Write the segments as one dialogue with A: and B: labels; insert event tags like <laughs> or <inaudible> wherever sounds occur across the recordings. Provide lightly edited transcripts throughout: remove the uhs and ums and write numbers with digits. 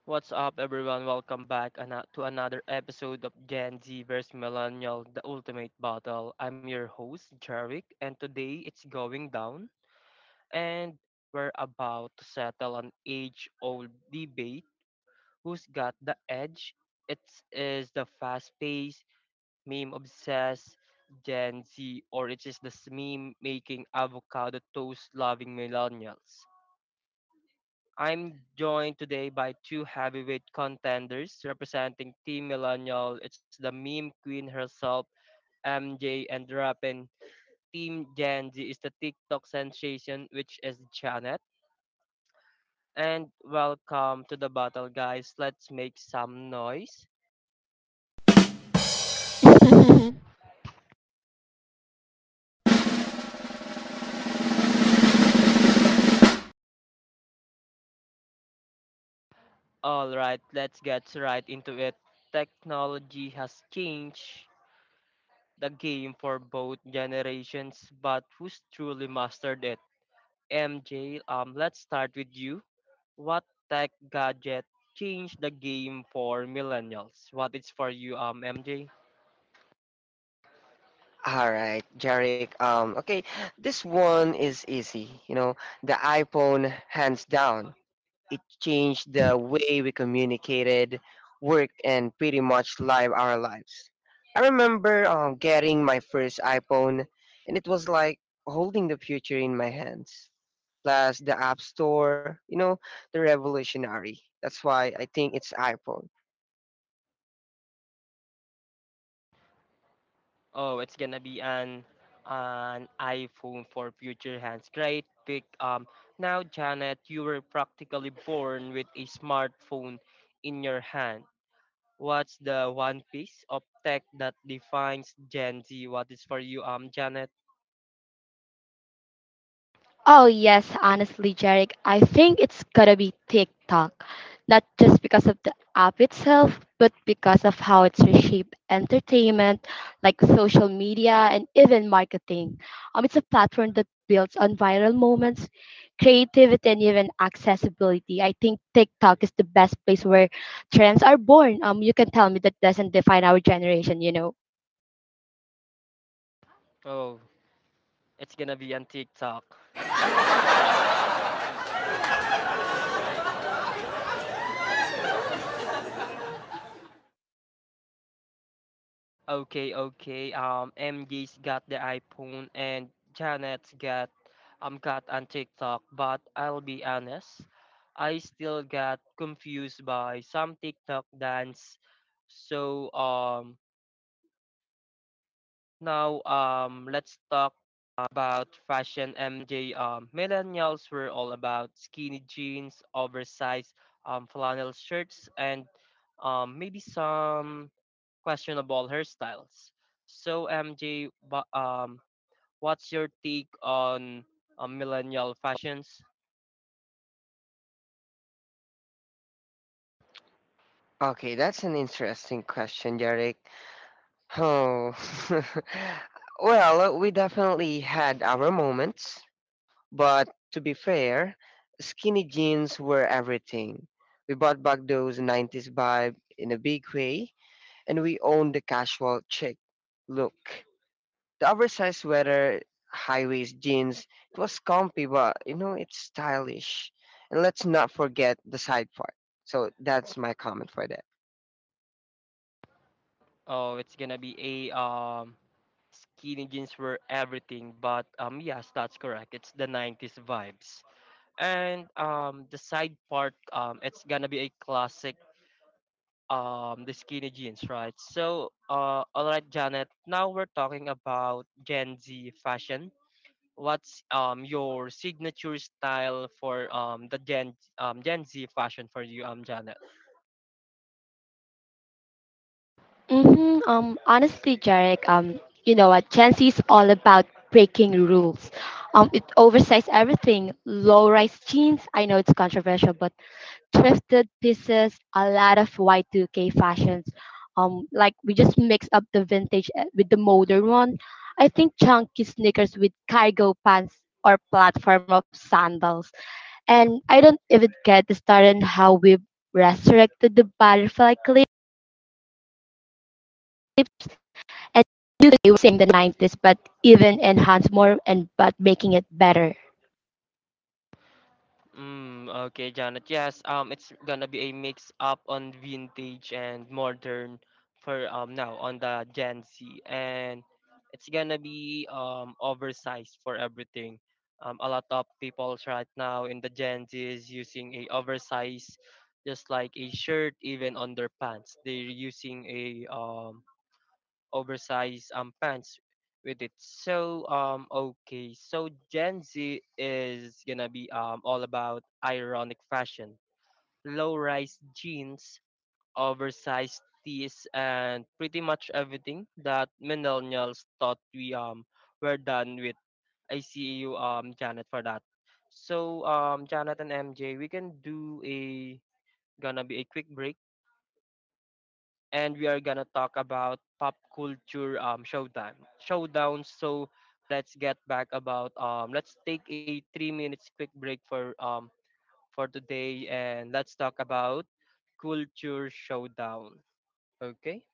A: What's up, everyone? Welcome back to another episode of Gen Z vs. Millennial, the ultimate battle. I'm your host, Jarvik, and today it's going down, and we're about to settle an age old debate. Who's got the edge? It is the fast paced, meme obsessed Gen Z, or it is the meme making avocado toast loving millennials. I'm joined today by two heavyweight contenders representing Team Millennial. It's the meme queen herself, MJ and Rappin. Team Gen Z is the TikTok sensation, which is Janet. And welcome to the battle, guys. Let's make some noise.
B: <laughs>
A: All right, let's get right into it. Technology has changed the game for both generations, but who's truly mastered it? MJ, let's start with you. What tech gadget changed the game for millennials? What is for you, MJ?
C: All right, Jarek. Okay, this one is easy. The iPhone, hands down, it changed the way we communicated, work, and pretty much live our lives. I remember getting my first iPhone, and it was like holding the future in my hands. Plus, the App Store, the revolutionary. That's why I think it's iPhone.
A: Oh, it's gonna be an iPhone for future hands. Great pick. Now Janet, you were practically born with a smartphone in your hand. What's the one piece of tech that defines Gen Z? What is for you, Janet?
B: Oh, yes, honestly, Jarek, I think it's gotta be TikTok. Not just because of the app itself, but because of how it's reshaped entertainment, like social media and even marketing. It's a platform that builds on viral moments, creativity, and even accessibility. I think TikTok is the best place where trends are born. You can tell me that doesn't define our generation, you know.
A: Oh, it's gonna be on TikTok. Okay, okay. MJ's got the iPhone and Janet's got on TikTok, but I'll be honest, I still got confused by some TikTok dance. So now, let's talk about fashion, MJ. Millennials were all about skinny jeans, oversized flannel shirts, and maybe some questionable hairstyles. So, MJ, what's your take on millennial fashions?
C: Okay, that's an interesting question, Jarek. Oh, <laughs> well, we definitely had our moments, but to be fair, skinny jeans were everything. We bought back those 90s vibe in a big way, and we owned the casual chic look. The oversized sweater, high waist jeans, it was comfy, but it's stylish. And let's not forget the side part. So that's my comment for that.
A: Oh, it's gonna be a skinny jeans were everything, but yes, that's correct. It's the 90s vibes. And the side part, it's gonna be a classic, the skinny jeans, right? So, all right, Janet. Now we're talking about Gen Z fashion. What's your signature style for the Gen Z fashion for you, Janet?
B: Honestly, Jarek, you know what? Gen Z is all about breaking rules. It oversized everything. Low-rise jeans. I know it's controversial, but thrifted pieces. A lot of Y2K fashions. Like we just mix up the vintage with the modern one. I think chunky sneakers with cargo pants or platform of sandals. And I don't even get started on how we've resurrected the butterfly clip and do the same the 90s but even enhance more and but making it better.
A: Mm, okay, Janet. Yes, it's gonna be a mix up on vintage and modern for now on the Gen Z, and it's gonna be oversized for everything. A lot of people right now in the Gen Z is using a oversized, just like a shirt, even on their pants. They're using a oversized pants with it. So Gen Z is gonna be all about ironic fashion, low-rise jeans, oversized tees, and pretty much everything that millennials thought we were done with. I see you Janet for that. So Janet and MJ, we can do a gonna be a quick break and we are gonna talk about pop culture showdowns. So let's get back about let's take a 3 minutes quick break for today and let's talk about culture showdown. Okay.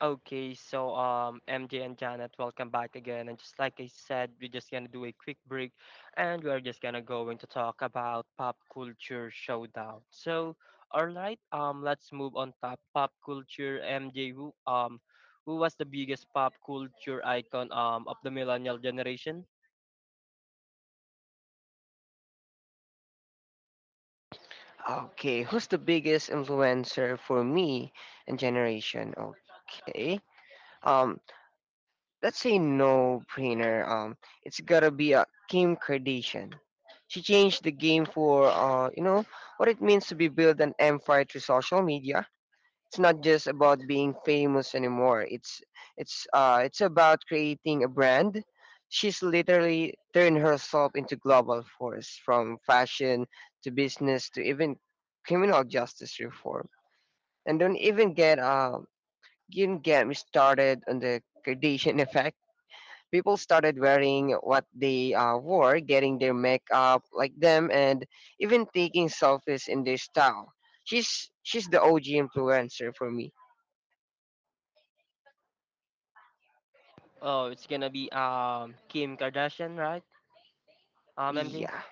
A: Okay, so MJ and Janet, welcome back again. And just like I said, we're just gonna do a quick break, and we're just gonna going to talk about pop culture showdown. So, all right, let's move on top pop culture. MJ, who was the biggest pop culture icon of the millennial generation?
C: Okay, who's the biggest influencer for me and generation? Okay. Um, let's say no brainer. It's gotta be a Kim Kardashian. She changed the game for what it means to be build an empire through social media. It's not just about being famous anymore. It's about creating a brand. She's literally turned herself into global force from fashion to business to even criminal justice reform. And don't even get you get me started on the Kardashian <laughs> effect. People started wearing what they wore, getting their makeup like them, and even taking selfies in their style. She's the OG influencer for me.
A: Oh, it's gonna be Kim Kardashian, right? MJ.
C: Yeah.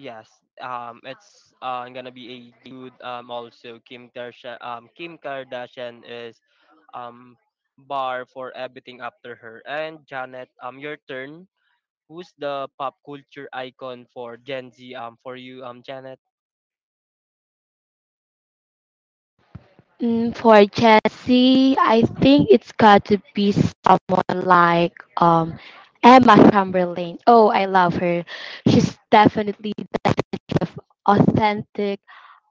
A: Yes, it's gonna be a dude. Also Kim Kardashian. Kim Kardashian is um bar for everything after her. And Janet, your turn. Who's the pop culture icon for Gen Z? For you, Janet.
B: Mm, for Chelsea, I think it's got to be someone like um Emma Chamberlain. Oh, I love her. She's definitely the definition of authentic,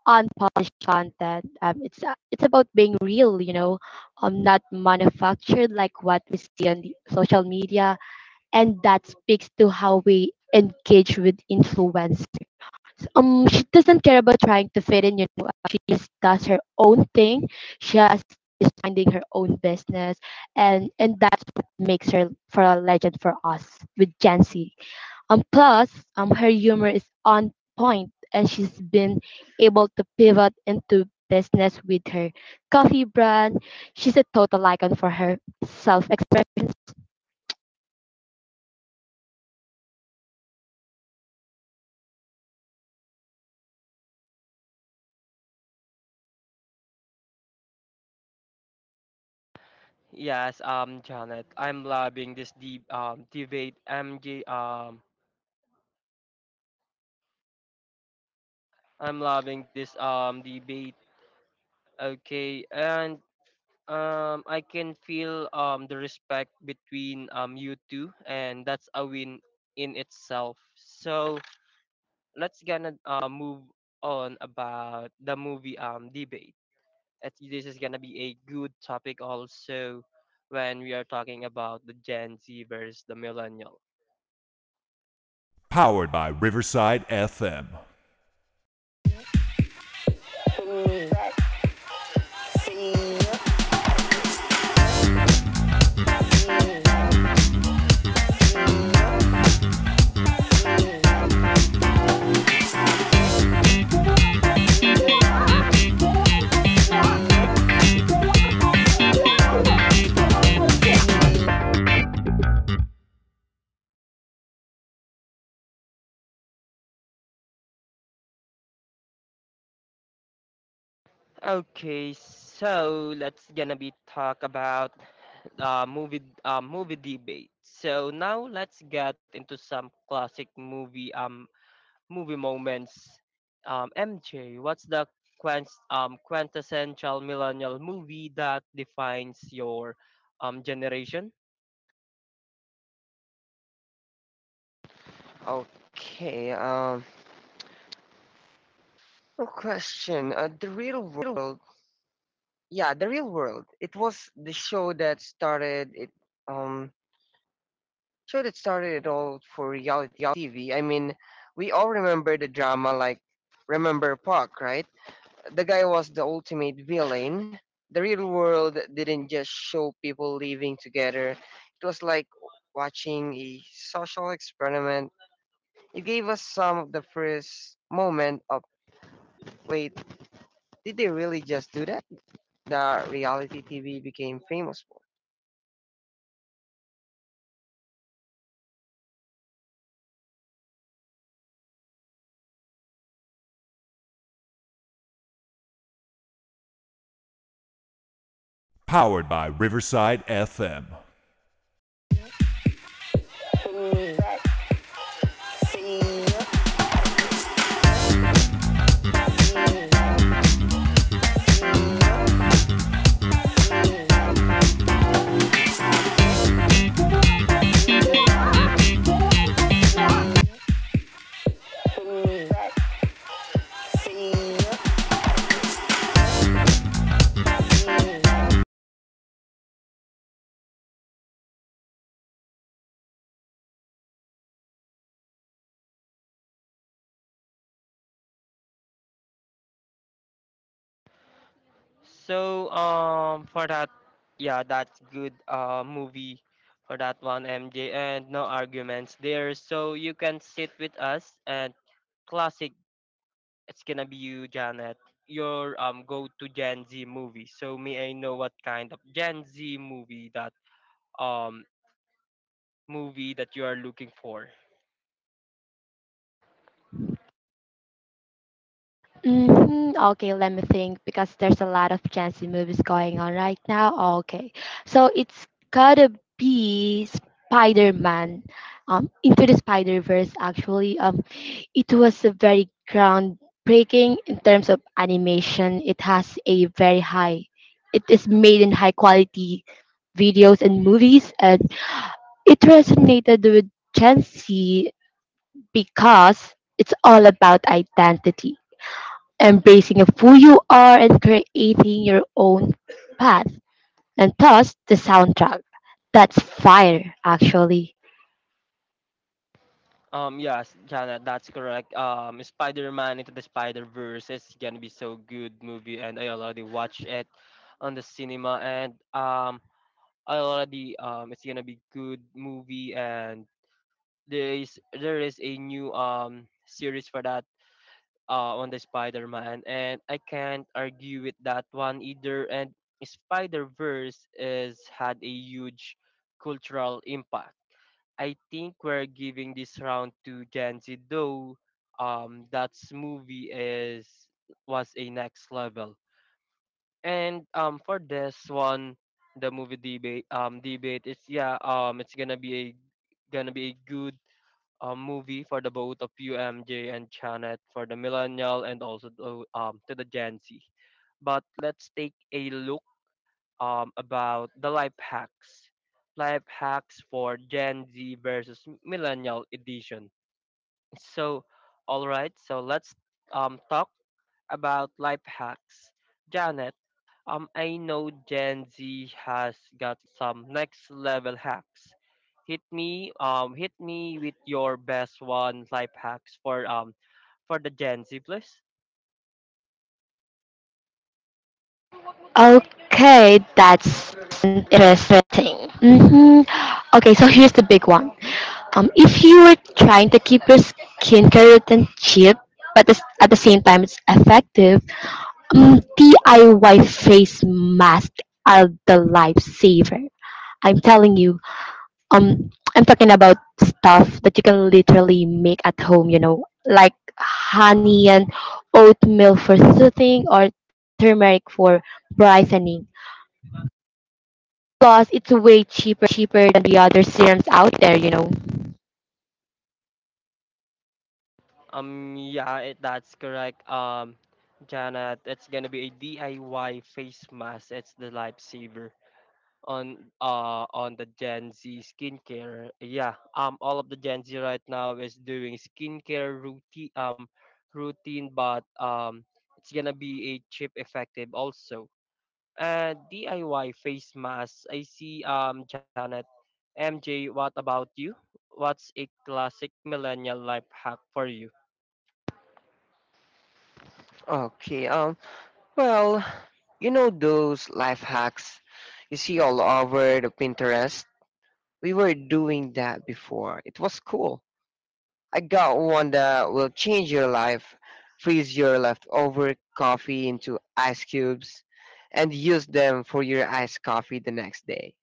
B: unpolished content. It's about being real, you know, not manufactured like what we see on the social media, and that speaks to how we engage with influencers. She doesn't care about trying to fit in, you know. She just does her own thing. She has Is finding her own business, and that's what makes her for a legend for us with Gen Z. Um, plus, Her humor is on point, and she's been able to pivot into business with her coffee brand. She's a total icon for her self-expression.
A: Yes, Janet. I'm loving this deep debate. MJ. I'm loving this debate. Okay, and I can feel the respect between you two, and that's a win in itself. So let's gonna move on about the movie debate. This is gonna be a good topic also when we are talking about the Gen Z versus the millennial. Okay, so let's gonna be talk about movie debate. So now let's get into some classic movie moments. MJ, what's the quintessential millennial movie that defines your generation?
C: Okay. Well, question. The real world. Yeah, the real world. It was the show that started it. Um, Show that started it all for reality TV. I mean, we all remember the drama like Remember Park, right? The guy was the ultimate villain. The real world didn't just show people living together. It was like watching a social experiment. It gave us some of the first moment of, wait, did they really just do that? The reality TV became famous for.
A: So for that, yeah, that's good movie for that one, MJ, and no arguments there. So you can sit with us and classic. It's gonna be you, Janet. Your go to Gen Z movie. So may I know what kind of Gen Z um movie that you are looking for.
B: Okay, let me think because there's a lot of Gen Z movies going on right now. Okay, so it's gotta be Spider-Man, Into the Spider-Verse. It was a very groundbreaking in terms of animation. It has a very high. It is made in high quality videos and movies, and it resonated with Gen Z because it's all about identity, embracing of who you are and creating your own path. And thus, the soundtrack. That's fire, actually.
A: Yes, Jana, that's correct. Spider-Man Into the Spider-Verse is gonna be so good movie, and I already watched it on the cinema, and I already it's gonna be good movie, and there is a new series for that on the Spider-Man, and I can't argue with that one either. And Spider-Verse is had a huge cultural impact. I think we're giving this round to Gen Z, though that's movie is was a next level. And for this one, the movie debate it's yeah it's gonna be a good movie for the both of you MJ and Janet for the millennial and also to the Gen Z. But let's take a look about the life hacks. Life hacks for Gen Z versus Millennial Edition. So, all right, so let's talk about life hacks. Janet, I know Gen Z has got some next level hacks. Hit me with your best one life hacks for the Gen Z, please.
B: Okay, that's interesting. Okay, so here's the big one. If you were trying to keep your skincare routine cheap, but this, at the same time it's effective, DIY face masks are the lifesaver. I'm telling you, Um, I'm talking about stuff that you can literally make at home, you know, like honey and oatmeal for soothing or turmeric for brightening. Plus, it's way cheaper than the other serums out there, you know.
A: Yeah, that's correct. Janet, it's gonna be a DIY face mask. It's the lifesaver on the Gen Z skincare. Yeah, all of the Gen Z right now is doing skincare routine, but it's gonna be a cheap effective also. And DIY face mask. I see. Janet, MJ, what about you? What's a classic millennial life hack for you?
C: Okay, well, you know those life hacks you see all over the Pinterest? We were doing that before. It was cool. I got one that will change your life. Freeze your leftover coffee into ice cubes and use them for your iced coffee the next day.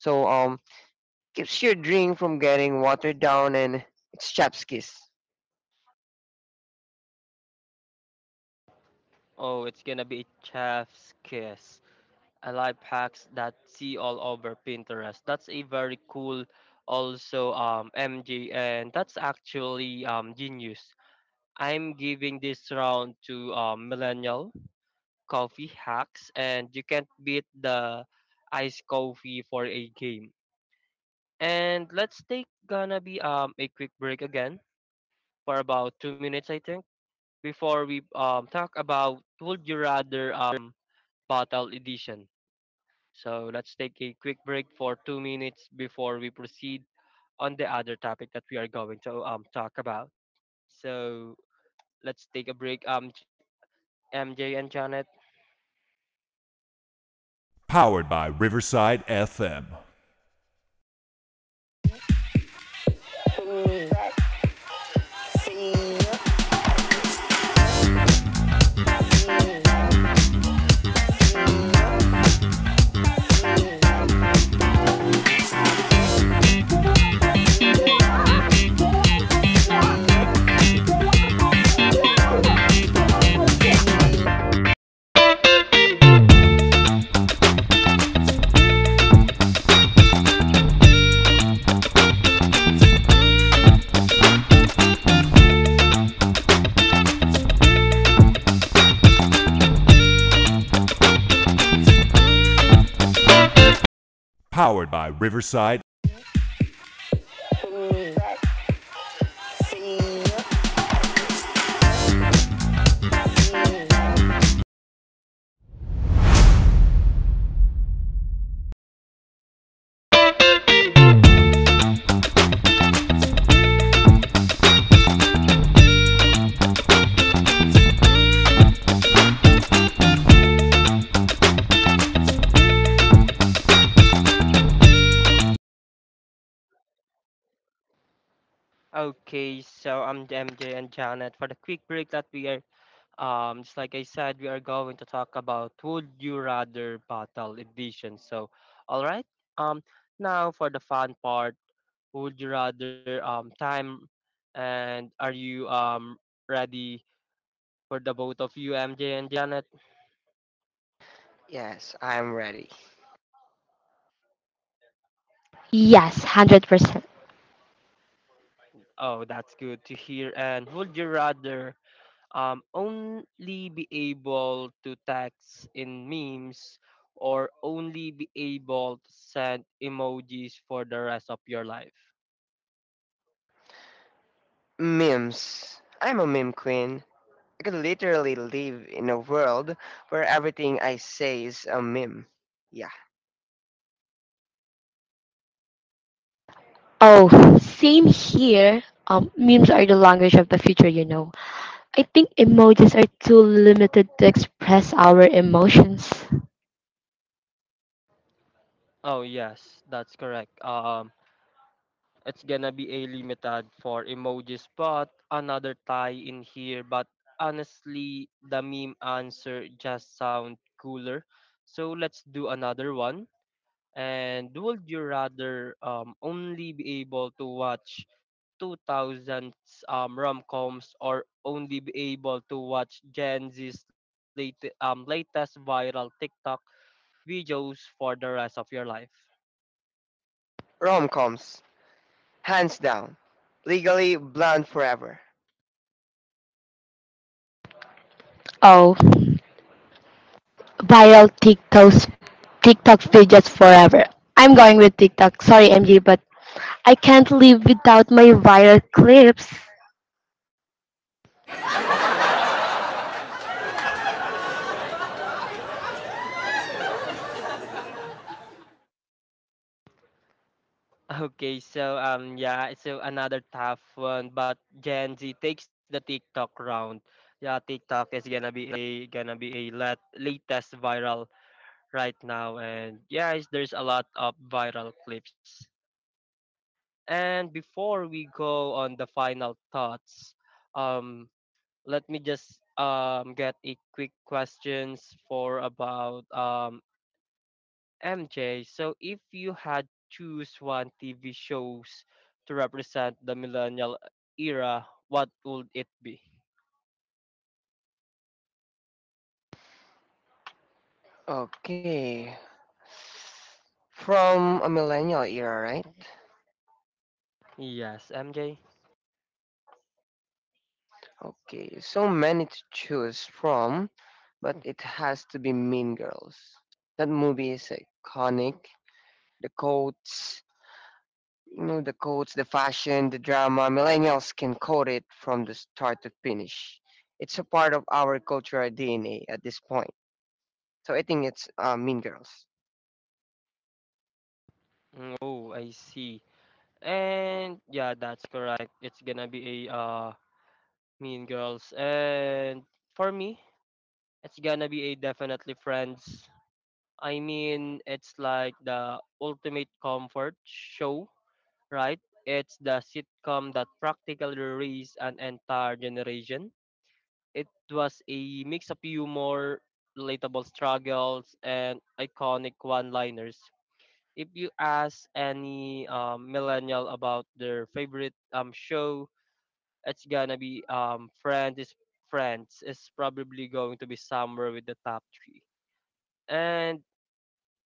C: So, keeps your drink from getting watered down and it's chapskis.
A: Oh, it's gonna be a chef's kiss. A life hacks that see all over Pinterest. That's a very cool also MG and that's actually genius. I'm giving this round to millennial coffee hacks and you can't beat the iced coffee for a game. And let's take gonna be a quick break again for about 2 minutes I think before we talk about would you rather bottle edition. So let's take a quick break for 2 minutes before we proceed on the other topic that we are going to talk about. So let's take a break. MJ and Janet. Okay, so I'm MJ and Janet for the quick break that we are just like I said we are going to talk about Would You Rather Battle Edition. So, all right. Um, Now for the fun part, Would You Rather time, and are you ready for the both of you, MJ and Janet.
C: Yes, I am ready.
B: Yes, 100%.
A: Oh, that's good to hear. And would you rather only be able to text in memes or only be able to send emojis for the rest of your life?
C: Memes. I'm a meme queen. I could literally live in a world where everything I say is a meme. Yeah.
B: Oh, same here. Memes are the language of the future, you know. I think emojis are too limited to express our emotions.
A: Oh, yes, that's correct. It's gonna be a limited for emojis, but another tie in here. But honestly, the meme answer just sound cooler. So let's do another one. And would you rather only be able to watch 2000s rom-coms or only be able to watch Gen Z's latest viral TikTok videos for the rest of your life? <laughs>
C: Rom coms. Hands down. Legally blonde forever.
B: Oh, viral TikToks, TikTok pages forever. I'm going with TikTok. Sorry, MJ, but I can't live without my viral clips.
C: Respected.
A: Okay, so yeah, another tough one, but Gen Z takes the TikTok round. Yeah, TikTok is gonna be a latest viral right now, and yeah, there's a lot of viral clips. And before we go on the final thoughts, um, let me just get a quick questions for about MJ. So if you had choose one TV shows to represent the millennial era, what would it be?
C: Okay. From a millennial era, right?
A: Yes, MJ.
C: Okay. So many to choose from, but it has to be Mean Girls. That movie is iconic. The quotes, you know, the quotes, the fashion, the drama, millennials can code it from the start to finish. It's a part of our cultural DNA at this point. So I think it's Mean Girls.
A: Mm, oh, I see. And yeah, that's correct. It's gonna be a Mean Girls. And for me, it's gonna be a definitely Friends. I mean, it's like the ultimate comfort show, right? It's the sitcom that practically raised an entire generation. It was a mix of humor, relatable struggles, and iconic one liners. If you ask any millennial about their favorite show, it's gonna be Friends is probably going to be somewhere with the top three. And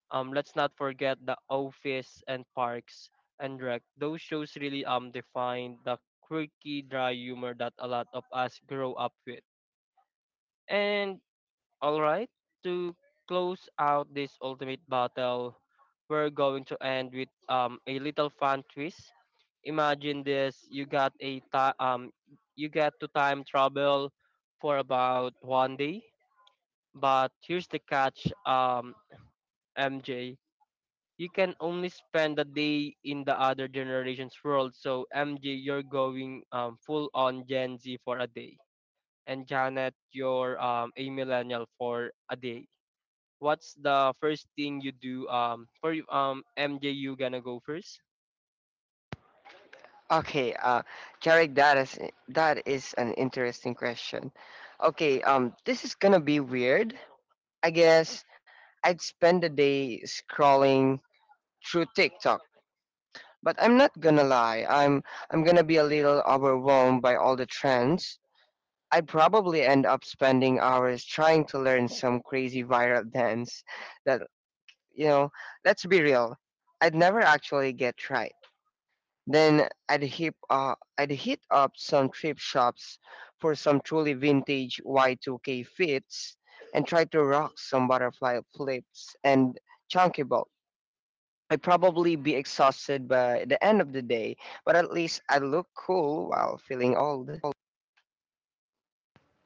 A: Let's not forget The Office and Parks and Rec. Those shows really define the quirky, dry humor that a lot of us grow up with. And all right, to close out this ultimate battle, we're going to end with a little fun twist. Imagine this: you you get to time travel for about one day, but here's the catch, MJ. You can only spend a day in the other generation's world. So MJ, you're going full on Gen Z for a day, and Janet, you're a millennial for a day. What's the first thing you do? For MJ, you gonna go first?
C: Okay, Jarek, that is an interesting question. Okay, this is gonna be weird. I guess I'd spend the day scrolling through TikTok, but I'm not gonna lie. I'm gonna be a little overwhelmed by all the trends. I'd probably end up spending hours trying to learn some crazy viral dance that, you know, let's be real, I'd never actually get right. Then I'd hit up some trip shops for some truly vintage Y2K fits and try to rock some butterfly flips and chunky bolt. I'd probably be exhausted by the end of the day, but at least I look cool while feeling old.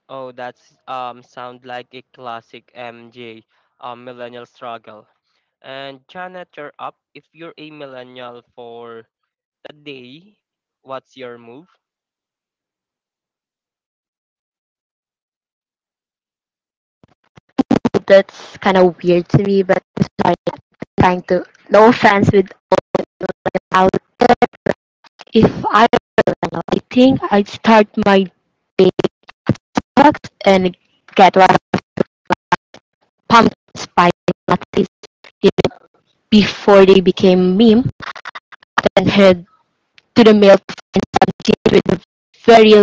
A: Oh, that's sound like a classic MJ millennial struggle. And Janet, you're up. If you're a millennial for a day, what's your move?
B: That's kind of weird to me, but I'm sorry. Trying to, no offense, without if I were Lionel, I think I'd start my TikToks and get one pumpkin spice lattes before they became meme. Then head to the mail with a very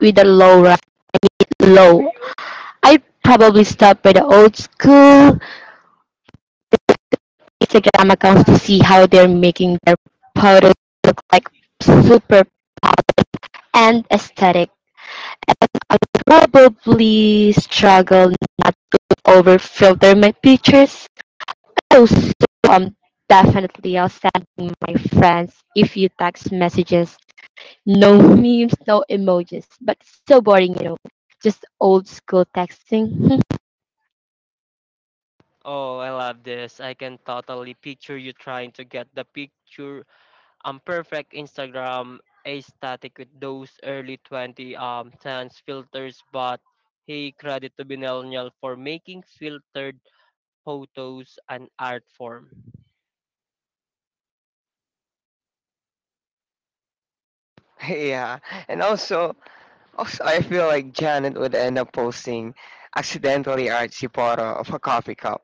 B: with a low ra- low. I'd probably stop by the old school Instagram accounts to see how they're making their photos look like super and aesthetic. Probably struggle not to over filter my pictures. Oh, so um, Definitely I'll send my friends if you text messages. No memes, no emojis, but so boring, you know. Just old school texting.
A: Oh, I love this. I can totally picture you trying to get the picture perfect Instagram aesthetic with those early 2010s filters, but hey credit to Binelnial for making filtered photos an art form.
C: <laughs> Yeah, and also also, I feel like Janet would end up posting accidentally artsy photo of a coffee cup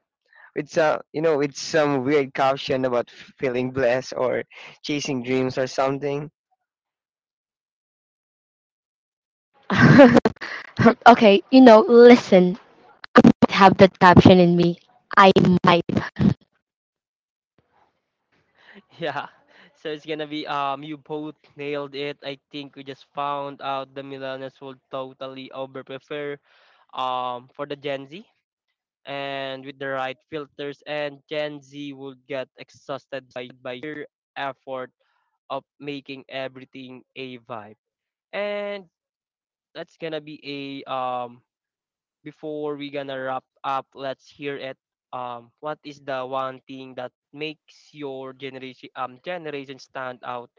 C: with with some weird caption about feeling blessed or chasing dreams or something.
B: <laughs> Okay, you know, listen, have that caption in me. I might.
A: <laughs> Yeah. So it's gonna be you both nailed it. I think we just found out the millennials will totally over prefer for the Gen Z. And with the right filters and Gen Z would get exhausted by your effort of making everything a vibe. And that's gonna be a before we gonna wrap up, let's hear it. What is the one thing that makes your generation stand out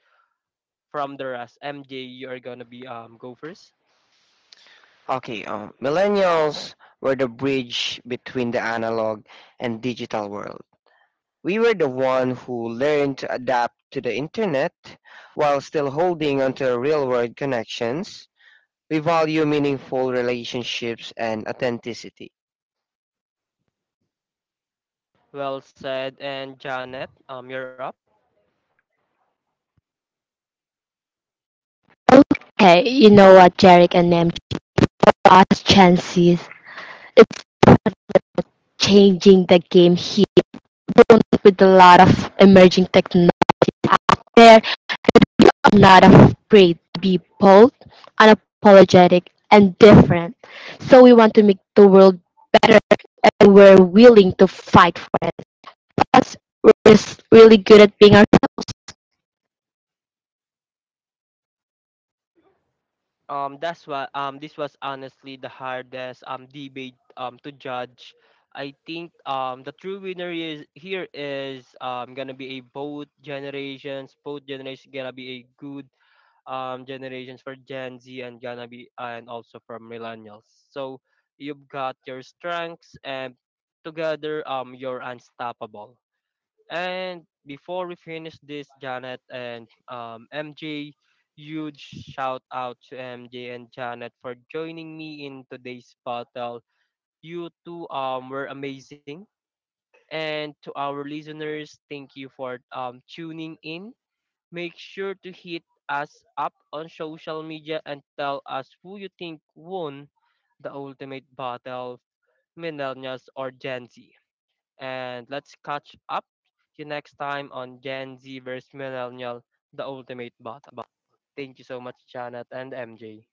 A: from the rest. MJ, you are gonna be go first.
C: Okay, millennials were the bridge between the analog and digital world. We were the one who learned to adapt to the internet while still holding onto real-world connections. We value meaningful relationships and authenticity.
A: Well said, and Janet, you're up.
B: Okay, you know what, Jarek and Nam? Last chances. It's changing the game here. Don't- With a lot of emerging technology out there, I'm not afraid to be bold, unapologetic, and different. So we want to make the world better, and we're willing to fight for it. Us, we're just really good at being
A: That's what this was honestly the hardest debate to judge. I think the true winner is here is gonna be a both generations gonna be a good generations for Gen Z and gonna be and also from millennials. So you've got your strengths and together you're unstoppable. And before we finish this, Janet and MJ, huge shout out to MJ and Janet for joining me in today's battle. You two were amazing. And to our listeners, thank you for tuning in. Make sure to hit us up on social media and tell us who you think won the ultimate battle, millennials or Gen Z. And let's catch up you next time on Gen Z versus millennial, the ultimate battle. Thank you so much, Janet and MJ.